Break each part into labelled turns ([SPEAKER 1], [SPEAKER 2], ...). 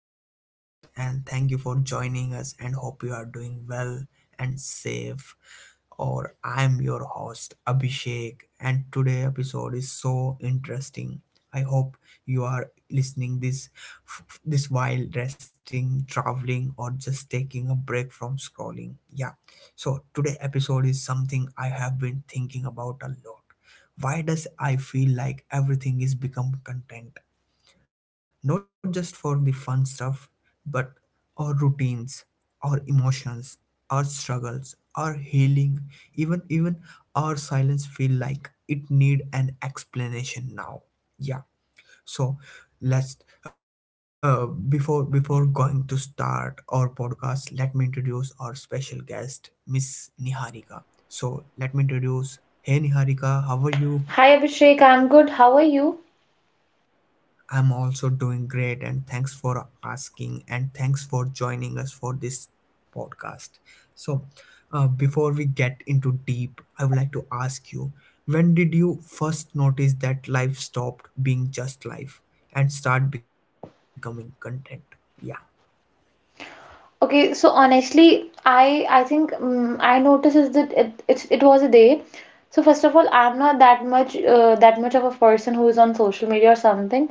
[SPEAKER 1] back to our podcast, and thank you for joining us. And hope you are doing well and safe. Or I'm your host Abhishek, and today episode is so interesting. I hope you are listening this this while resting, traveling, or just taking a break from scrolling. Yeah. So today episode is something I have been thinking about a lot. Why does I feel like everything is become content? Not just for the fun stuff, but our routines, our emotions, our struggles, our healing, even our silence feel like it need an explanation now. Yeah. So let's before going to start our podcast, let me introduce our special guest, Miss Niharika. So let me introduce. Hey Niharika, how are you?
[SPEAKER 2] Hi Abhishek, I'm good. How are you?
[SPEAKER 1] I'm also doing great, and thanks for asking, and thanks for joining us for this podcast. So, before we get into deep, I would like to ask you when did you first notice that life stopped being just life and start becoming content? Yeah,
[SPEAKER 2] Okay, so honestly, I think I noticed is that it was a day. So first of all, I'm not that much that much of a person who is on social media or something,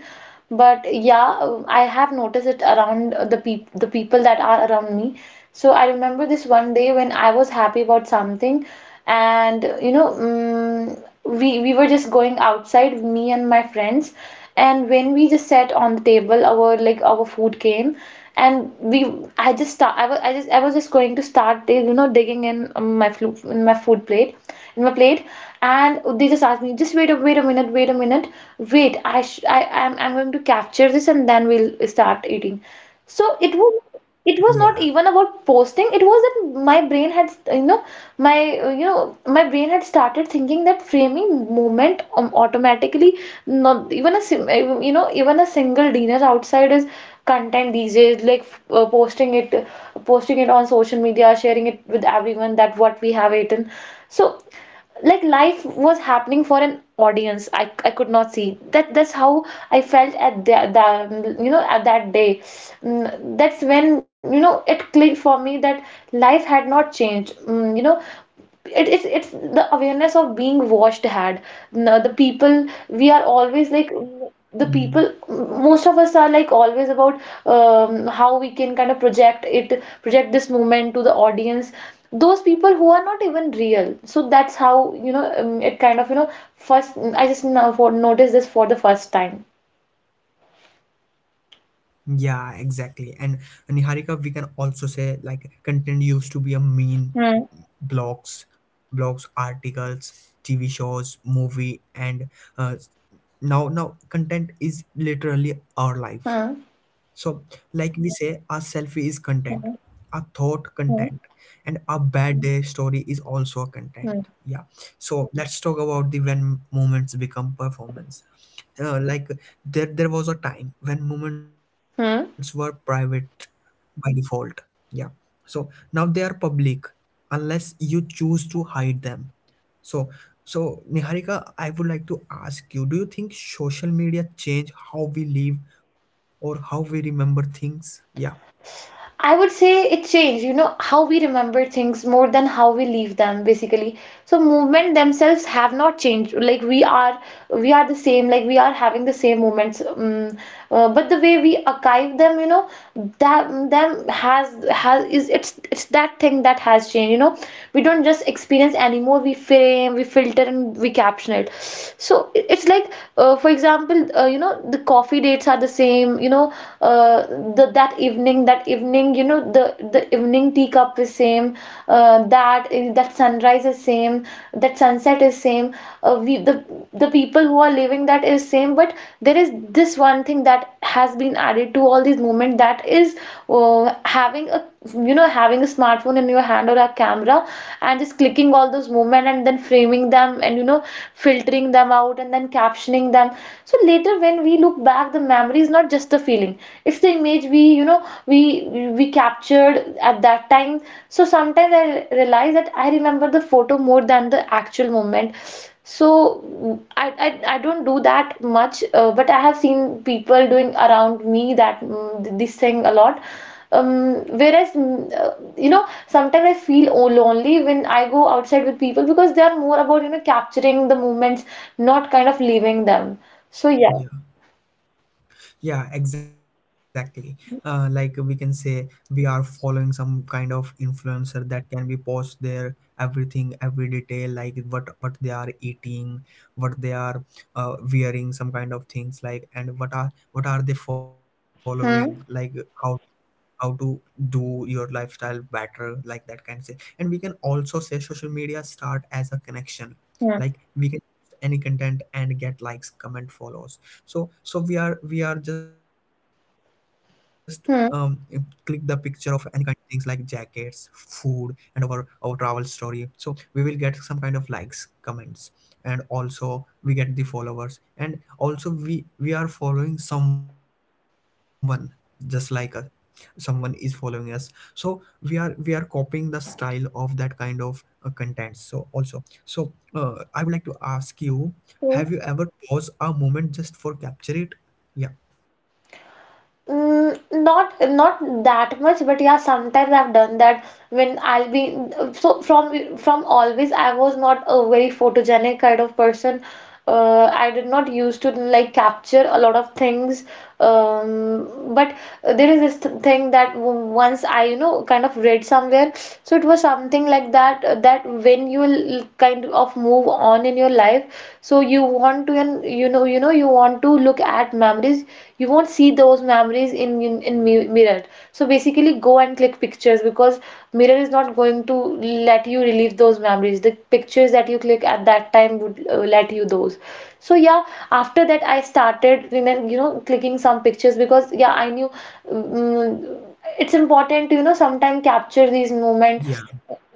[SPEAKER 2] but yeah, I have noticed it around the people that are around me. So I remember this one day when I was happy about something, and we were just going outside, me and my friends, and when we just sat on the table, our food came and we I just start I was I just I was just going to start digging in my plate, and they just asked me, just wait a minute, wait a minute wait I'm going to capture this and then we'll start eating. So
[SPEAKER 1] yeah.
[SPEAKER 2] it was not even about posting. It was that my brain had, you know, my my brain had started thinking that framing movement automatically. Not even you know, even a single dinner outside is content these days, like uh, posting it posting it on social media, sharing it with everyone that what we have eaten. So like life was happening for an audience. I could not see that. That's how I felt at the you know at that day. Mm, that's when you know it clicked for me that life had not changed. Mm, you know, it's the awareness of being watched had. Now, the people we are always like the
[SPEAKER 1] Mm.
[SPEAKER 2] people most of us are like always about how we can kind of project this moment to the audience, those people who are not even real. So that's how, you know, it kind of, you know, first I just now for noticed this for the first time.
[SPEAKER 1] Yeah, exactly. And Niharika, we can also say like content used to be a mean
[SPEAKER 2] Hmm.
[SPEAKER 1] blogs, blogs articles, TV shows, movie, and uh, now content is literally our life.
[SPEAKER 2] Hmm.
[SPEAKER 1] So like we say, a selfie is content,
[SPEAKER 2] Hmm.
[SPEAKER 1] a thought content, and a bad day story is also a content.
[SPEAKER 2] Hmm.
[SPEAKER 1] Yeah. So let's talk about the when moments become performance. Like there was a time when moments were
[SPEAKER 2] Hmm.
[SPEAKER 1] private by default. Yeah, so now they are public unless you choose to hide them. So so Niharika, I would like to ask you, do you think social media change how we live or how we remember things? Yeah,
[SPEAKER 2] I would say it changed, you know, how we remember things more than how we leave them, basically. So movement themselves have not changed. We are the same. Like we are having the same moments, but the way we archive them, you know, that them has is it's that thing that has changed. You know, we don't just experience anymore. We frame, we filter, and we caption passionate. So it's like, for example, you know, the coffee dates are the same, you know. Uh, the that evening, you know, the evening teacup is same. uh, that that sunrise is same. That sunset is same. We the people who are living that is same, but there is this one thing that has been added to all these moments, that is having a, you know, having a smartphone in your hand or a camera, and just clicking all those movement and then framing them, and you know, filtering them out and then captioning them. So later when we look back, the memory is not just the feeling, it's the image we you know we captured at that time. So sometimes I realize that I remember the photo more than the actual moment. So I don't do that much, but I have seen people doing around me that this thing a lot. Whereas, you know, sometimes I feel lonely when I go outside with people because they are more about, you know, capturing the moments, not kind of leaving them. So, yeah.
[SPEAKER 1] yeah. Yeah, exactly. Like we can say we are following some kind of influencer that can be post their everything, every detail, like what they are eating, what they are wearing, some kind of things like, and what are they following,
[SPEAKER 2] Hmm.
[SPEAKER 1] like how how to do your lifestyle better, like that can say. And we can also say social media start as a connection,
[SPEAKER 2] Hmm.
[SPEAKER 1] like we can post any content and get likes, comment, follows. So so we are just um click the picture of any kind of things like jackets, food, and our travel story. So we will get some kind of likes, comments, and also we get the followers, and also we are following someone just like us. Someone is following us, so we are copying the style of that kind of content. So also, so I would like to ask you, have you
[SPEAKER 2] Hmm.
[SPEAKER 1] ever paused a moment just for capture it? Yeah,
[SPEAKER 2] Mm, not that much, but yeah, sometimes I've done that when I'll be. So from always I was not a very photogenic kind of person. I did not used to like capture a lot of things. But there is this thing that once I, you know, kind of read somewhere. So it was something like that, that when you will kind of move on in your life, so you want to, and you know you want to look at memories, you won't see those memories in mirror. So basically go and click pictures, because mirror is not going to let you relieve those memories. The pictures that you click at that time would, let you those. So yeah, after that I started, you know, clicking some pictures, because yeah, I knew, mm, mm, it's important to, you know, sometimes capture these moment,
[SPEAKER 1] yeah,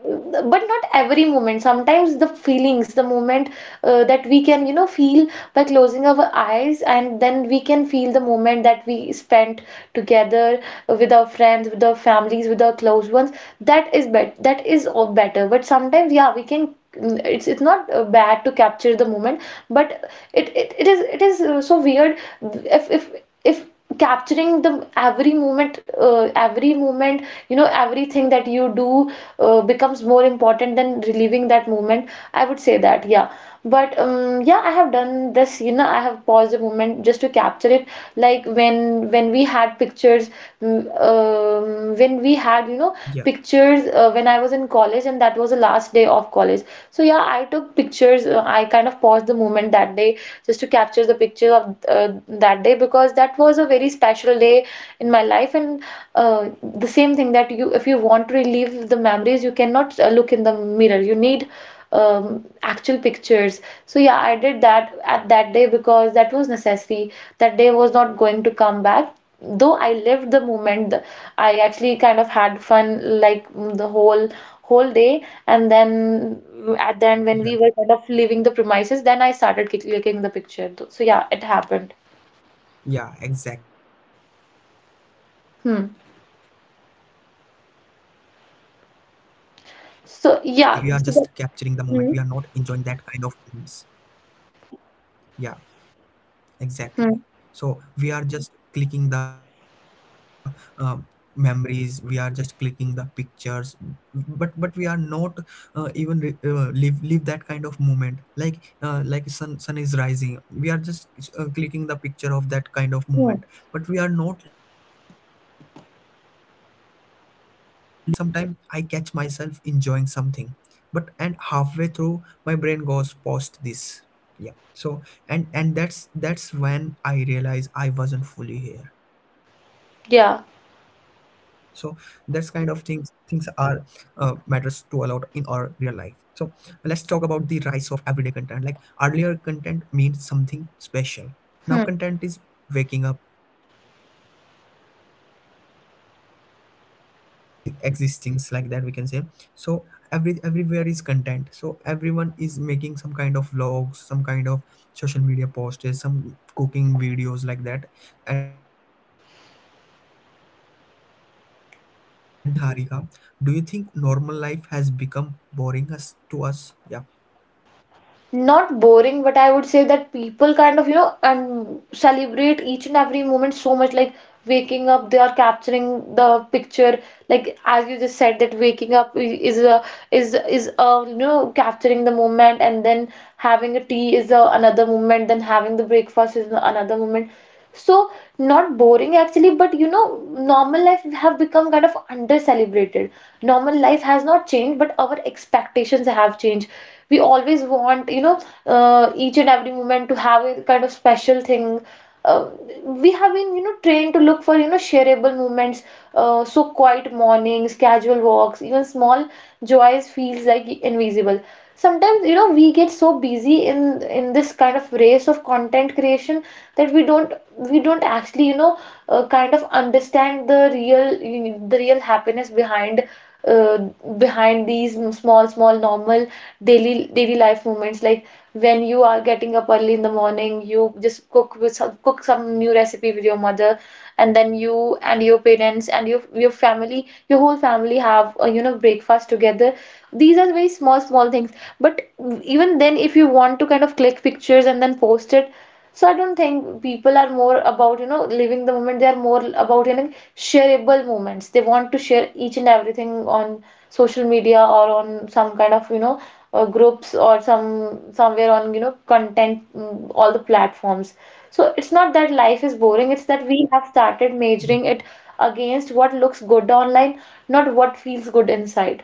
[SPEAKER 2] but not every moment. Sometimes the feelings, the moment that we can, you know, feel by closing our eyes, and then we can feel the moment that we spent together with our friends, with our families, with our close ones, that is bet that is all better. But sometimes, yeah, we can, it's not bad to capture the moment, but it is so weird if, if capturing the every moment, you know, everything that you do becomes more important than reliving that moment, I would say that. Yeah, but yeah, I have done this, you know, I have paused a moment just to capture it, like when we had pictures, um, when we had, you know,
[SPEAKER 1] yeah,
[SPEAKER 2] pictures when I was in college, and that was the last day of college. So yeah, I took pictures. Uh, I kind of paused the moment that day just to capture the picture of uh, that day, because that was a very special day in my life. And uh, the same thing, that you, if you want to relive the memories, you cannot look in the mirror. You need um, actual pictures. So yeah, I did that at that day because that was necessary. That day was not going to come back. Though I lived the moment, I actually kind of had fun, like, mm, the whole whole day, and then at the end
[SPEAKER 1] yeah.
[SPEAKER 2] when we were kind of leaving the premises, then I started clicking the picture. So yeah, it happened.
[SPEAKER 1] Yeah, exactly, Niharika, I'm totally agree with your
[SPEAKER 2] Hmm.
[SPEAKER 1] thoughts and your points, like we are just capturing the moment, we are not
[SPEAKER 2] So
[SPEAKER 1] enjoying that
[SPEAKER 2] yeah,
[SPEAKER 1] kind of
[SPEAKER 2] so that,
[SPEAKER 1] moments.
[SPEAKER 2] hmm.
[SPEAKER 1] Yeah. Exactly. So
[SPEAKER 2] Hmm.
[SPEAKER 1] we are just clicking the memories. We are just clicking the pictures, but we are not even live that kind of moment. Like sun is rising. We are just clicking the picture of that kind of moment, but we are
[SPEAKER 2] Hmm.
[SPEAKER 1] not live that kind of moment. So that will be. I would like to say sometime I catch myself enjoying something, but and halfway through my brain goes post this. Yeah. So and that's when I realized I wasn't fully here. So that's kind
[SPEAKER 2] Yeah,
[SPEAKER 1] of things are matters to a lot in our real life. So let's talk about the rise of everyday content. Like earlier, content means something special. Now
[SPEAKER 2] hmm.
[SPEAKER 1] content is waking up, brushing, eating, walking, exist existings, like that we can say. So every everywhere is content, so everyone is making some kind of vlogs, some kind of social media posts, some cooking videos like that, and posted on social media. So I would like to ask you Niharika, do you think normal life has become boring us to us? Yeah.
[SPEAKER 2] Not boring, but I would say that people kind of, you know, and celebrate each and every moment so much. Like waking up, they are capturing the picture. Like as you just said, that waking up is a, is a you know, capturing the moment, and then having a tea is a, another moment. Then having the breakfast is another moment. So not boring actually, but you know, normal life have become kind of under celebrated. Normal life has not changed, but our expectations have changed. We always want, you know, each and every moment to have a kind of special thing. uh, we have been, you know, trained to look for, you know, shareable moments. So quiet mornings, casual walks, even small joys feels like invisible. Sometimes, you know, we get so busy in this kind of race of content creation that we don't actually, you know, kind of understand the real, happiness behind, uh, behind these small, small, normal, daily daily life moments. Like when you are getting up early in the morning, you just cook with some, cook some new recipe with your mother, and then you and your parents and your family, your whole family have a, you know, breakfast together. These are very small things, but even then, if you want to kind of click pictures and then post it. So I don't think people are more about, you know, living the moment. They are more about, you know, shareable moments. They want to share each and everything on social media, or on some kind of, you know, groups, or some somewhere on, you know, content, all the platforms. So it's not that life is boring, it's that we have started measuring
[SPEAKER 1] Yeah.
[SPEAKER 2] it against what looks good online, not what feels good inside.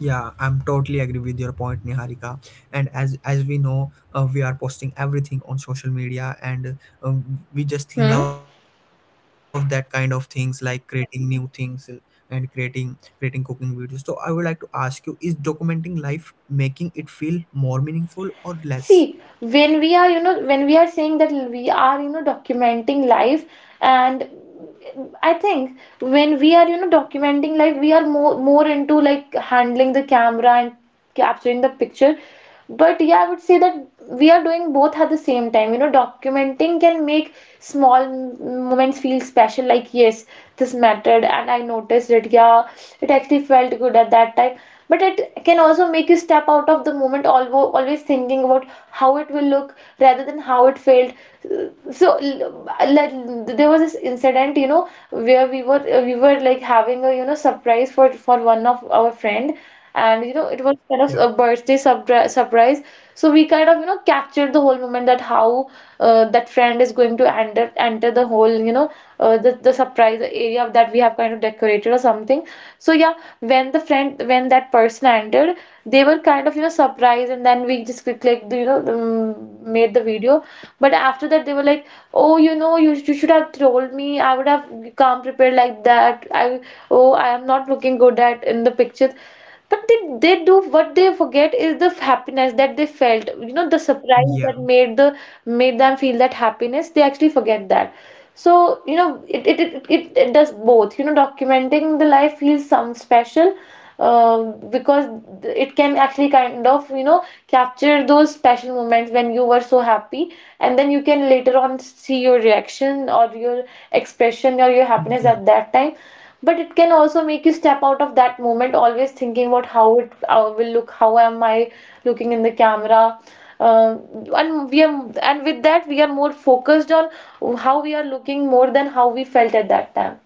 [SPEAKER 1] Yeah, I'm totally agree with your point, Niharika. And as we know, we are posting everything on social media, and we
[SPEAKER 2] Hmm?
[SPEAKER 1] just love that kind of things, like creating new things and creating cooking videos. So I would like to ask you: is documenting life making it feel more meaningful or less?
[SPEAKER 2] See, when we are, you know, when we are saying that we are, you know, documenting life, and I think when we are, you know, documenting life, we are more into like handling the camera and capturing the picture. But yeah, I would say that we are doing both at the same time. You know, documenting can make small moments feel special, like, yes, this mattered, and I noticed it. Yeah, it actually felt good at that time. But it can also make you step out of the moment, always thinking about how it will look rather than how it felt. So, l- there was this incident, you know, where we were like having a, you know, surprise for one of our friend, and you know, it was kind of a birthday
[SPEAKER 1] Yeah,
[SPEAKER 2] surprise. So we kind of, you know, captured the whole moment that how that friend is going to enter the whole, you know, the surprise area that we have kind of decorated or something. So yeah, when the friend, when that person entered, they were kind of, you know, surprised, and then we just clicked, you know, made the video. But after that, they were like, "Oh, you know, you should have told me. I would have come prepared like that. I am not looking good at in the pictures." But they do, what they forget is the happiness that they felt, you know, the surprise that made the,
[SPEAKER 1] yeah,
[SPEAKER 2] made them feel that happiness, they actually forget that. So you know, it does both. You know, documenting the life feels some special, uh, because it can actually kind of, you know, capture those special moments when you were so happy, and then you can later on see your reaction or your expression or your happiness at that time. But it can also make you step out of that moment, always thinking about how it will look, how am I looking in the camera. Um and we are, and with that we are more focused on how we are looking more than how we felt at that time.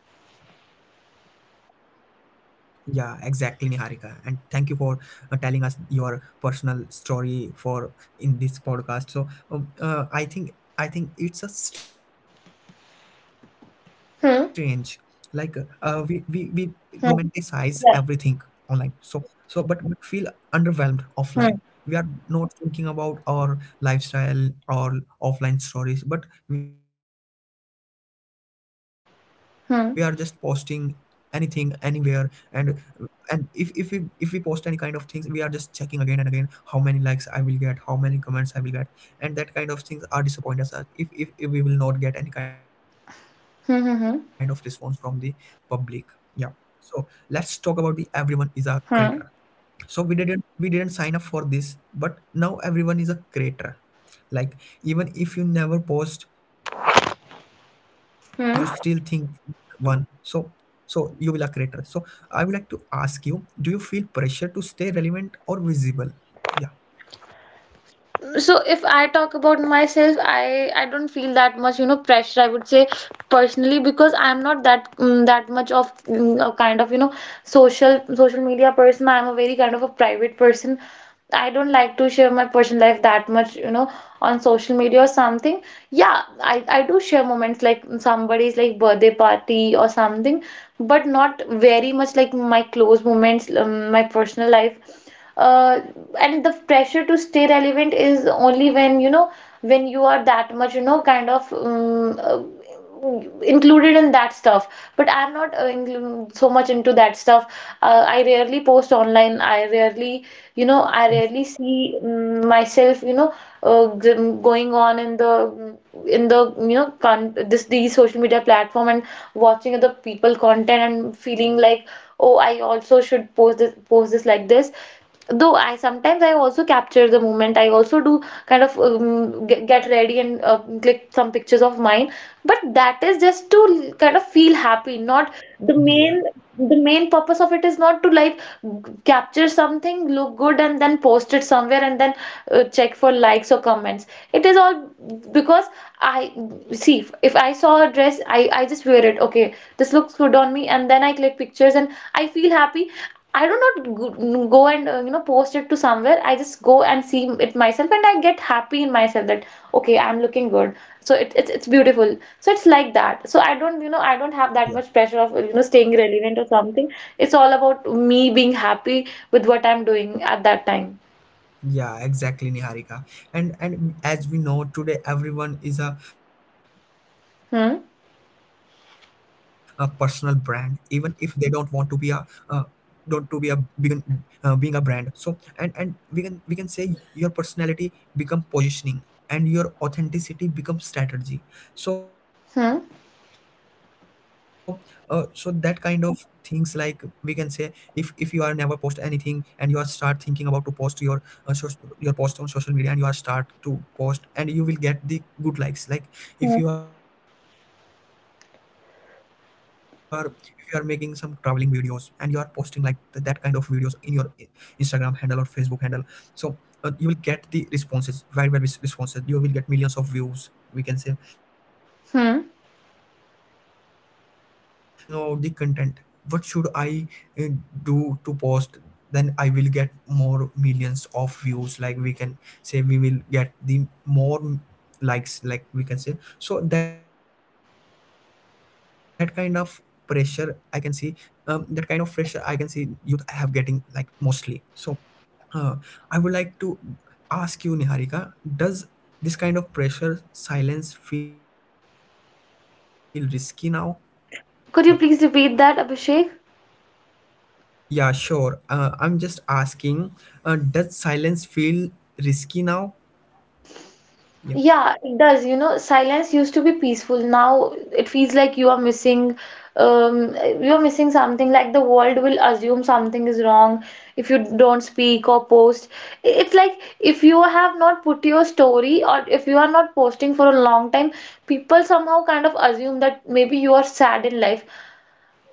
[SPEAKER 1] yeah, exactly, Niharika. And thank you for telling us your personal story for in this podcast. So, I think it's a strange, like
[SPEAKER 2] Hmm.
[SPEAKER 1] we romanticize
[SPEAKER 2] Hmm.
[SPEAKER 1] everything
[SPEAKER 2] Yeah.
[SPEAKER 1] online. So so, but we feel
[SPEAKER 2] Hmm.
[SPEAKER 1] underwhelmed offline. We are not thinking about our lifestyle or offline stories, but we are just posting
[SPEAKER 2] Hmm. Hmm.
[SPEAKER 1] anything anywhere. and and if we post any kind of things, we are just checking again and again, how many likes I will get, how many comments I will get. And that kind of things are disappointed us, if if we will not get any kind of response from the
[SPEAKER 2] Hmm. Hmm.
[SPEAKER 1] public. Yeah. So let's talk about the everyone is a creator.
[SPEAKER 2] Hmm.
[SPEAKER 1] So we didn't sign up for this, but now everyone is a creator. Like even if you never post, you still think one. So
[SPEAKER 2] Hmm.
[SPEAKER 1] so you will a creator. So I would like to ask you, do you feel pressure to stay relevant or visible? Yeah,
[SPEAKER 2] So if I talk about myself, I don't feel that much, you know, pressure, I would say, personally, because I'm not that that much of a kind of, you know, social media person. I'm a very kind of a private person. I don't like to share my personal life that much, you know, on social media or something. Yeah, I do share moments like somebody's like birthday party or something, but not very much like my close moments, my personal life. uh, and the pressure to stay relevant is only when, you know, when you are that much, you know, kind of included in that stuff. But I'm not inclu- so much into that stuff. I rarely post online. I rarely, you know, I rarely see myself, you know, uh, g- going on in the, in the, you know, con, this, these social media platform, and watching other people content and feeling like, oh, I also should post this, post this like this. Though I sometimes I also capture the moment. I also do kind of get ready and click some pictures of mine. But that is just to kind of feel happy. Not the
[SPEAKER 1] yeah,
[SPEAKER 2] main, the main purpose of it is not to like capture something, look good, and then post it somewhere, and then check for likes or comments. It is all because I see, if I saw a dress, I just wear it. Okay, this looks good on me, and then I click pictures and I feel happy. I do not go and you know, post it to somewhere. I just go and see it myself, and I get happy in myself that, okay, I'm looking good. So it, it's beautiful. So it's like that. So I don't, you know, I don't have that
[SPEAKER 1] yeah,
[SPEAKER 2] much pressure of, you know, staying relevant or something. It's all about me being happy with what I'm doing at that time.
[SPEAKER 1] yeah, exactly, Niharika. And as we know, today everyone is a personal brand, even
[SPEAKER 2] Hmm.
[SPEAKER 1] if they don't want to be a don't to be a vegan, being a brand. So and we can say your personality become positioning, and your authenticity becomes strategy. So so
[SPEAKER 2] Hmm.
[SPEAKER 1] that kind of things. Like we can say, if you are never post anything and you are start thinking about to post your uh, so, your post on social media, and you are start to post, and you will get the good likes. Like if you
[SPEAKER 2] Hmm.
[SPEAKER 1] are, if you are making some traveling videos and you are posting like that kind of videos in your Instagram handle or Facebook handle, so you will get the responses very well. With responses you will get millions of views, we can say. So you will get
[SPEAKER 2] Hmm.
[SPEAKER 1] motivate. and and after that you thinking about the content, what should I uh, do to post, then I will get more millions of views, like we can say, we will get the more likes, like we can say. So that kind of pressure I can see. That kind of pressure I can see youth have getting like mostly. So uh, I would like to ask you, Niharika, does this kind of pressure silence feel risky now? Yeah.
[SPEAKER 2] Could you please repeat that, Abhishek?
[SPEAKER 1] Yeah, sure. I'm just asking, does silence feel risky now? Yeah.
[SPEAKER 2] Yeah, it does. You know, silence used to be peaceful. Now it feels like um, you are missing something. Like the world will assume something is wrong if you don't speak or post. It's like if you have not put your story or if you are not posting for a long time, people somehow kind of assume that maybe you are sad in life.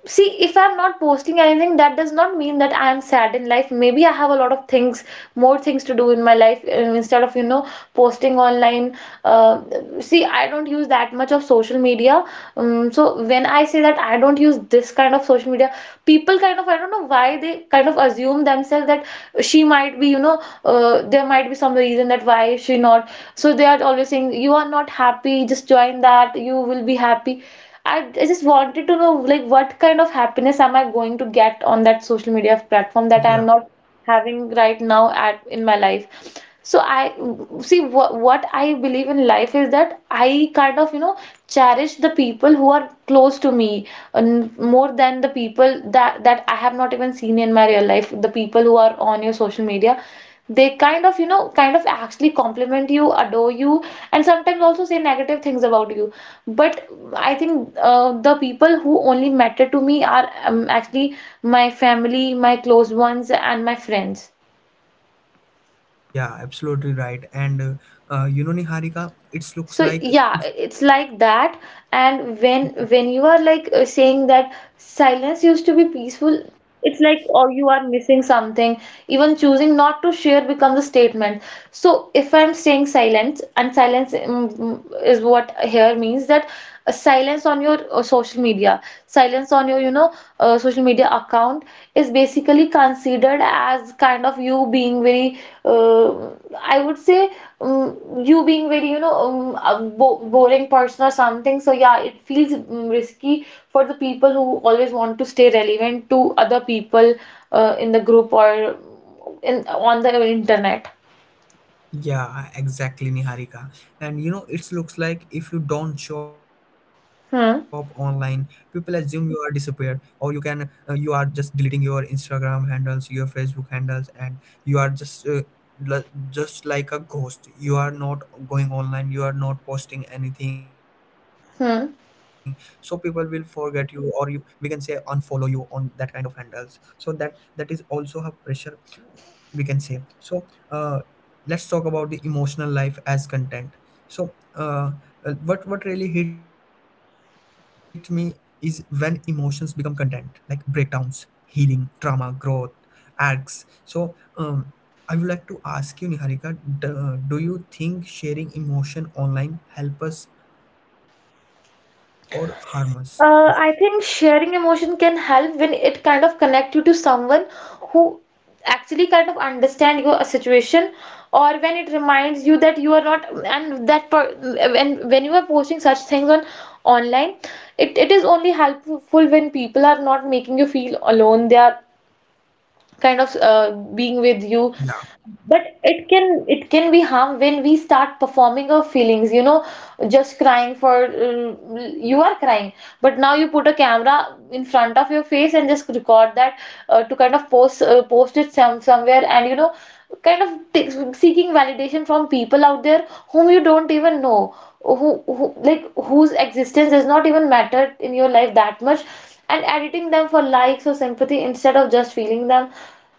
[SPEAKER 2] See, if I'm not posting anything, that does not mean that I am sad in life. Maybe I have a lot of things, more things to do in my life instead of, you know, posting online. Uh, See, I don't use that much of social media. So when I say that I don't use this kind of social media, people kind of, I don't know why they kind of assume themselves that she might be, you know, there might be some reason that why she not. So they are always saying, you are not happy, just join that, you will be happy. I just wanted to know like what kind of happiness am I going to get on that social media platform that I'm
[SPEAKER 1] Yeah.
[SPEAKER 2] not having right now at in my life. So I see what I believe in life is that I kind of, you know, cherish the people who are close to me, and more than the people that I have not even seen in my real life, the people who are on your social media, they kind of, you know, kind of actually compliment you, adore you, and sometimes also say negative things about you. But I think the people who only matter to me are actually my family, my close ones, and my friends.
[SPEAKER 1] Yeah, absolutely right. And you know, Niharika, it looks
[SPEAKER 2] So
[SPEAKER 1] like,
[SPEAKER 2] yeah, it's like that. And when you are like saying that silence used to be peaceful, it's like, or you are missing something, even choosing not to share becomes a statement. So if I'm saying silence, and silence is what here means that a silence on your social media, silence on your, you know, social media account, is basically considered as kind of you being very, uh, I would say, um, you being very, you know, a bo boring person or something. So yeah, it feels risky for the people who always want to stay relevant to other people, in the group or in on the internet.
[SPEAKER 1] yeah, exactly, Niharika. And you know, it looks like if you don't show up online, people
[SPEAKER 2] Hmm.
[SPEAKER 1] assume you are disappear, or you can you are just deleting your Instagram handles, your Facebook handles, and you are just l- just like a ghost. You are not going online. You are not posting anything, so people will
[SPEAKER 2] Hmm.
[SPEAKER 1] forget you, or you we can say unfollow you on that kind of handles. So that that is also a pressure, we can say. So uh, let's talk about the emotional life as content. So what really hits me is when emotions become content, like breakdowns, healing, trauma, growth arcs. So I would like to ask you Niharika, do you think sharing emotion online help us or harm us? Yeah,
[SPEAKER 2] I think sharing emotion can help when it kind of connect you to someone who actually kind of understand your situation, or when it reminds you that you are not, and that per, when you are posting such things on online, it is only helpful when people are not making you feel alone, they are kind of being with you.
[SPEAKER 1] yeah.
[SPEAKER 2] But it can, it can be harm when we start performing our feelings, you know, just crying for, you are crying, but now you put a camera in front of your face and just record that to kind of post it some somewhere, and you know, kind of t seeking validation from people out there whom you don't even know, who like whose existence does not even matter in your life that much, and editing them for likes or sympathy instead of just feeling them.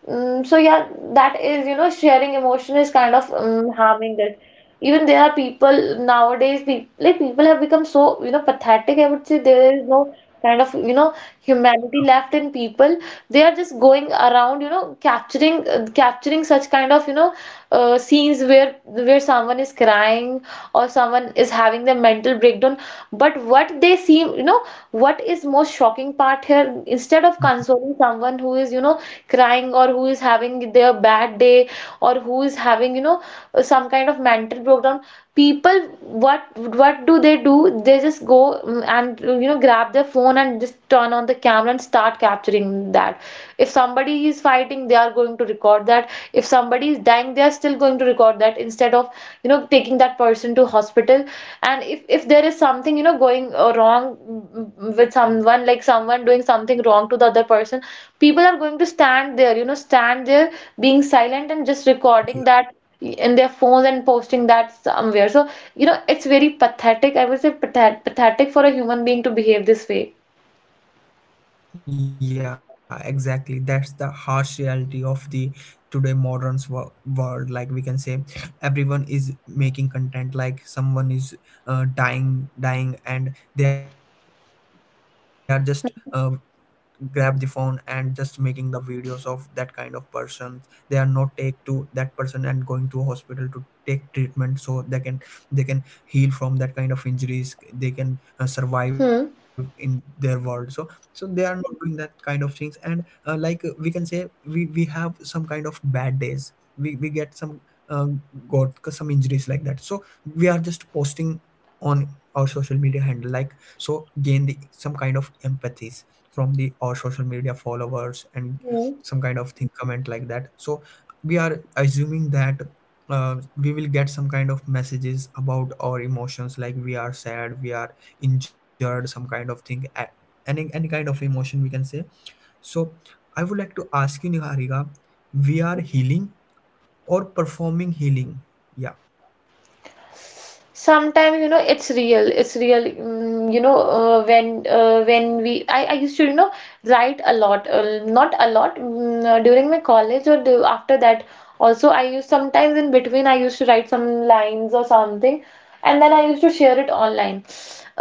[SPEAKER 2] So yeah, that is, you know, sharing emotion is kind of harming it. Even there are people nowadays, people like people have become so, you know, pathetic. I would say there is no kind of, you know, humanity left in people. They are just going around, you know, capturing such kind of, you know, scenes where someone is crying or someone is having their mental breakdown. But what they seem, you know, what is most shocking part here, instead of
[SPEAKER 1] Mhm.
[SPEAKER 2] consoling someone who is, you know, crying or who is having their bad day or who is having, you know, some kind of mental breakdown, people, what what do they do, they just go and you know, grab their phone and just turn on the camera and start capturing that. If somebody is fighting, they are going to record that. If somebody is dying, they are still going to record that instead of, you know, taking that person to hospital. And if there is something, you know, going wrong with someone, like someone doing something wrong to the other person, people are going to stand there, you know, stand there being silent and just recording that in their phones and posting that somewhere. So, you know, it's very pathetic. I would say pathetic for a human being to behave this way.
[SPEAKER 1] Yeah, exactly. That's the harsh reality of the today modern world. Like we can say, everyone is making content. Like someone is dying, and they are just grab the phone and just making the videos of that kind of persons. They are not take to that person and going to a hospital to take treatment, so they can heal from that kind of injuries, they can survive in their world. So so
[SPEAKER 2] Hmm.
[SPEAKER 1] they are not doing that kind of things. And like we can say we have some kind of bad days, we get some um, got some injuries like that. So we are just posting on our social media handle, like, so gain the some kind of empathies from the our social media followers, and some kind of thing comment like that. So we are assuming that we will get some kind of messages about our emotions, like we are sad, we are injured, some kind of any kind of emotion we can say. So I would like to ask you, Niharika, we are healing or performing healing? Yeah,
[SPEAKER 2] Sometimes, you know, it's real. It's real. Mm, you know, when we I used to, you know, write a lot, not a lot mm, during my college or do, after that. Also, I used sometimes in between I used to write some lines or something, and then I used to share it online.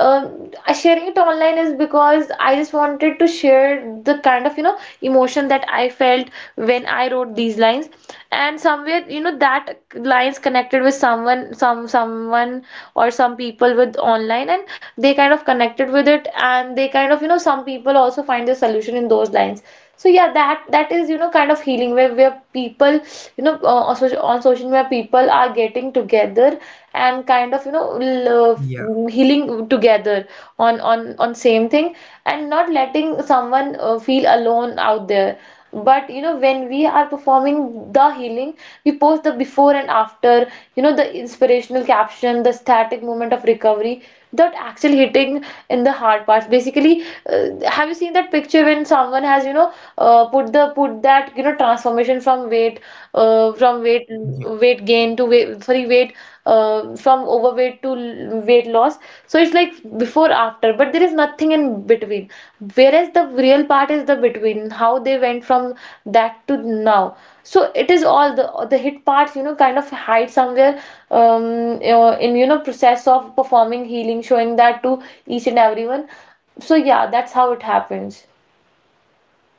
[SPEAKER 2] Sharing it online is because I just wanted to share the kind of you know emotion that I felt when I wrote these lines, and somewhere you know that lines connected with someone, someone or some people with online, and they kind of connected with it, and they kind of you know some people also find the solution in those lines. So yeah, that is you know kind of healing where people you know on social media people are getting together and kind of you know love,
[SPEAKER 1] yeah.
[SPEAKER 2] healing together on same thing and not letting someone feel alone out there. But you know when we are performing the healing, we post the before and after, you know, the inspirational caption, the static moment of recovery that actually hitting in the hard parts basically. Have you seen that picture when someone has you know put that you know transformation from weight, from weight weight gain to weight sorry weight from overweight to weight loss? So it's like before after, but there is nothing in between, whereas the real part is the between, how they went from that to now. So it is all the hit parts you know kind of hide somewhere in you know process of performing healing, showing that to each and everyone. So yeah, that's how it happens.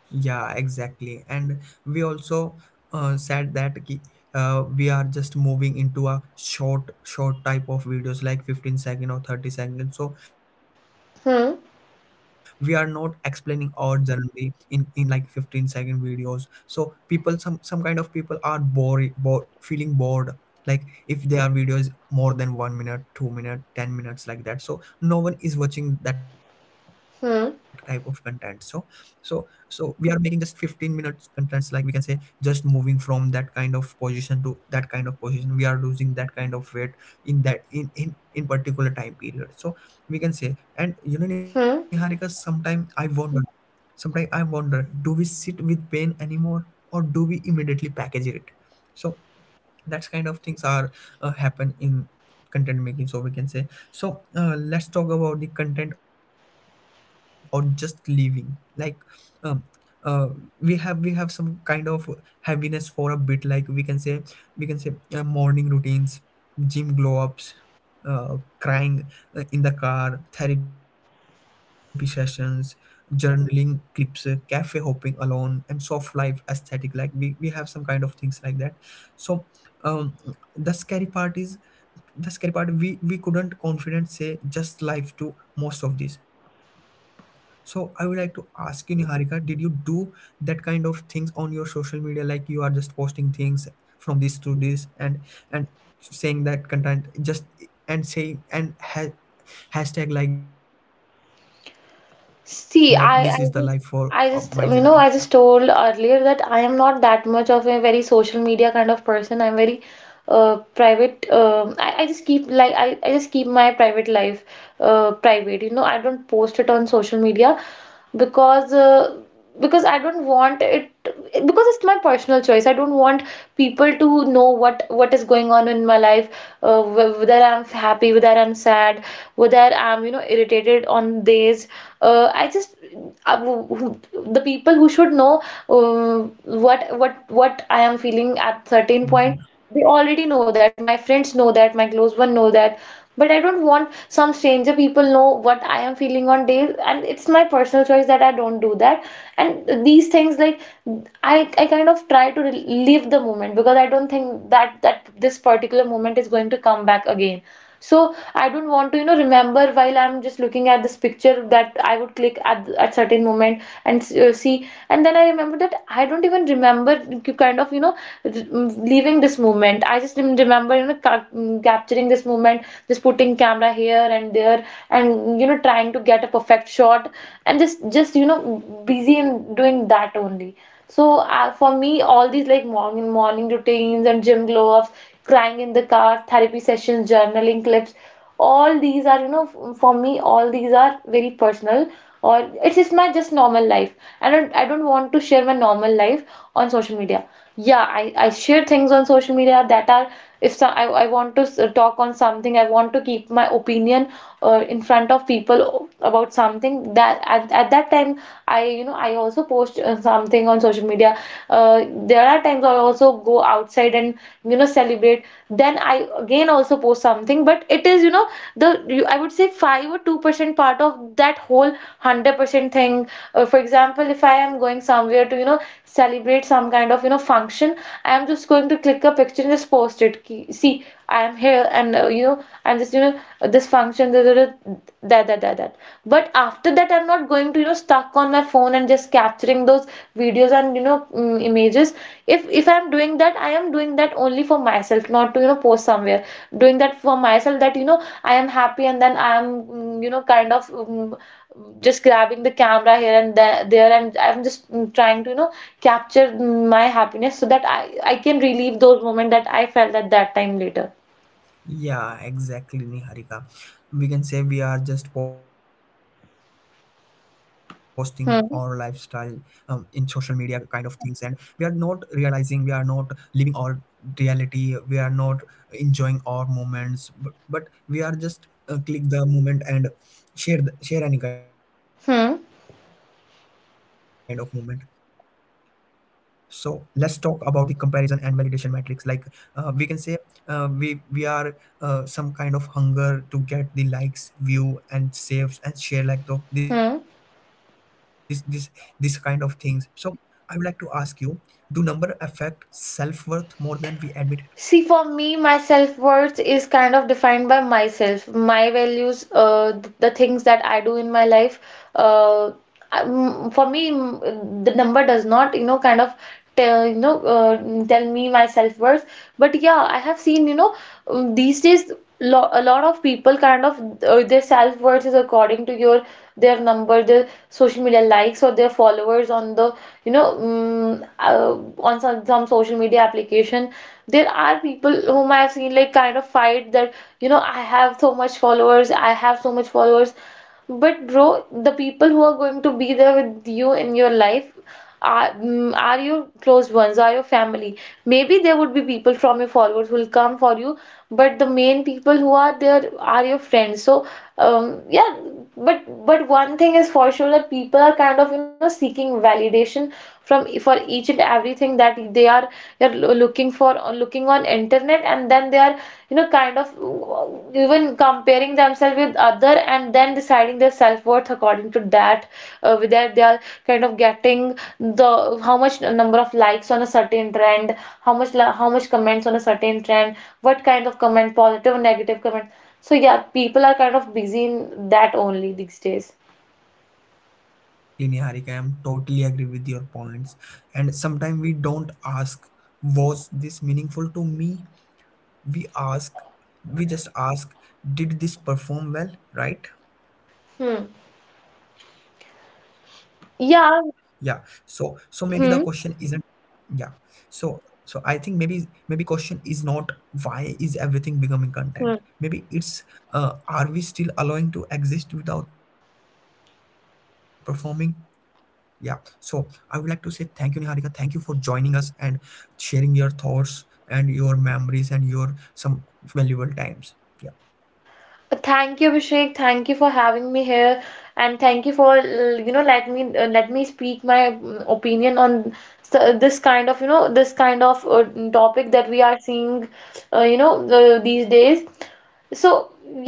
[SPEAKER 1] Yeah, exactly. And we also uh, said that ki- we are just moving into a short type of videos like 15 second or 30 second. So we are not
[SPEAKER 2] hmm
[SPEAKER 1] explaining our journey in like 15-second videos. So people, some kind of people are bored, feeling bored. Like if their videos more than 1 minute, 2 minute, 10 minutes like that. So no one is watching that type of content.
[SPEAKER 2] hmm
[SPEAKER 1] So so we are making just 15 minutes contents, like we can say, just moving from that kind of position to that kind of position. We are losing that kind of weight in that in particular time period, so we can say. And you know, Niharika,
[SPEAKER 2] hmm
[SPEAKER 1] sometimes I wonder, do we sit with pain anymore, or do we immediately package it? So that kind of things are happen in content making, so we can say. So let's talk about the content, or just leaving like um uh, we have some kind of heaviness for a bit, like we can say. We can say, morning routines, gym glow ups, uh, crying in the car, therapy sessions, journaling clips, cafe hopping alone, and soft life aesthetic. Like we have some kind of things like that. So um the scary part is, the scary part, we couldn't confident say just life to most of these. So I would like to ask you, Niharika, did you do that kind of things on your social media, like you are just posting things from this to this, and saying that content just, and saying and ha- hashtag like that, this is the life for my journey.
[SPEAKER 2] See, I just, you know, I just told earlier that I am not that much of a very social media kind of person. I'm very private. I just keep like I just keep my private life private. You know, I don't post it on social media because because I don't want it, because it's my personal choice. I don't want people to know what is going on in my life, whether I'm happy, whether I'm sad, whether I'm you know irritated on days. I just I, who- The people who should know what I am feeling at certain point,
[SPEAKER 1] Yeah.
[SPEAKER 2] they already know that. My friends know that. My close one know that, but I don't want some stranger people know what I am feeling on days, and it's my personal choice that I don't do that. And these things, like I kind of try to live the moment because I don't think that this particular moment is going to come back again. So I don't want to, you know, remember while I'm just looking at this picture that I would click at certain moment and see, and then I remember that I don't even remember you kind of, you know, leaving this moment. I just remember, you know, capturing this moment, just putting camera here and there, and you know, trying to get a perfect shot, and just you know, busy in doing that only. So for me, all these like morning routines and gym glow ups, crying in the car, therapy sessions, journaling clips, all these are you know for me all these are very personal, or it's just my just normal life. I don't want to share my normal life on social media. Yeah, I share things on social media that are, if so, I want to talk on something, I want to keep my opinion in front of people about something, that at that time I you know I also post something on social media. There are times I also go outside and you know celebrate. Then I again also post something, but it is you know the I would say 5 or 2 percent part of that whole 100% thing. For example, if I am going somewhere to you know celebrate some kind of you know function, I am just going to click a picture and just post it: see, I am here and you know I'm just you know this function, da, da, that that that that but after that I'm not going to you know stuck on my phone and just capturing those videos and you know images. If I'm doing that, I am doing that only for myself, not to you know post somewhere, doing that for myself, that you know I am happy, and then I am you know kind of just grabbing the camera here and there, and I'm just trying to you know capture my happiness so that I can relive those moments that I felt at that time later.
[SPEAKER 1] Yeah, exactly, Niharika. We can say we are just posting our lifestyle in social media kind
[SPEAKER 2] Hmm.
[SPEAKER 1] of things, and we are not realizing, we are not living our reality, we are not enjoying our moments, but we are just click the moment and share any kind of moment.
[SPEAKER 2] Hmm.
[SPEAKER 1] So let's talk about the comparison and validation metrics. Like we can say, we are some kind of hunger to get the likes, view, and saves and share, like the, this kind of things.
[SPEAKER 2] Hmm.
[SPEAKER 1] So I would like to ask you, do number affect self worth more than we admit it?
[SPEAKER 2] See, for me, my self-worth is kind of defined by myself, my values, the things that I do in my life. Uh, for me, the number does not, you know, kind of tell, you know, tell me my self-worth. But yeah, I have seen, you know, these days, lo a lot of people kind of their self-worth is according to your their number, their social media likes or their followers on the, you know, on some social media application. There are people whom I have seen like kind of fight that, you know, I have so much followers, I have so much followers. But bro, the people who are going to be there with you in your life are, are your close ones, are your family. Maybe there would be people from your followers who will come for you, but the main people who are there are your friends. So, yeah, but one thing is for sure that people are kind of you know seeking validation from for each and everything that they are looking for looking on internet, and then they are you know kind of even comparing themselves with other and then deciding their self-worth according to that, with that they are kind of getting the how much number of likes on a certain trend, how much how much comments on a certain trend, what kind of comment, positive or negative comment. So yeah, people are kind of busy in that only these days.
[SPEAKER 1] Yeah, exactly, Niharika. I'm totally agree with your points. And sometimes we don't ask, was this meaningful to me? we ask we just ask, did this perform well, right?
[SPEAKER 2] Hmm.
[SPEAKER 1] Yeah. so so maybe the question
[SPEAKER 2] Yeah.
[SPEAKER 1] isn't yeah
[SPEAKER 2] Hmm.
[SPEAKER 1] so so I think maybe, maybe question is not, why is everything becoming content? Maybe
[SPEAKER 2] Hmm.
[SPEAKER 1] it's, are we still allowing to exist without performing? Yeah. So I would like to say thank you, Niharika, thank you for joining us and sharing your thoughts and your memories and your some valuable times. Yeah.
[SPEAKER 2] Thank you, Abhishek. Thank you for having me here, and thank you for you know let me speak my opinion on this kind of you know this kind of topic that we are seeing, you know these days. So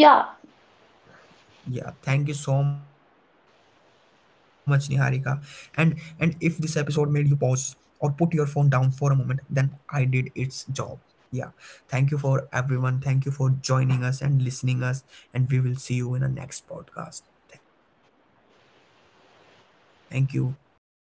[SPEAKER 2] yeah.
[SPEAKER 1] Yeah, thank you so much, Niharika. And if this episode made you pause or put your phone down for a moment, then I did its job. Yeah. Thank you for everyone. Thank you for joining us and listening us. And we will see you in the next podcast. Thank you. Bye bye. Take care.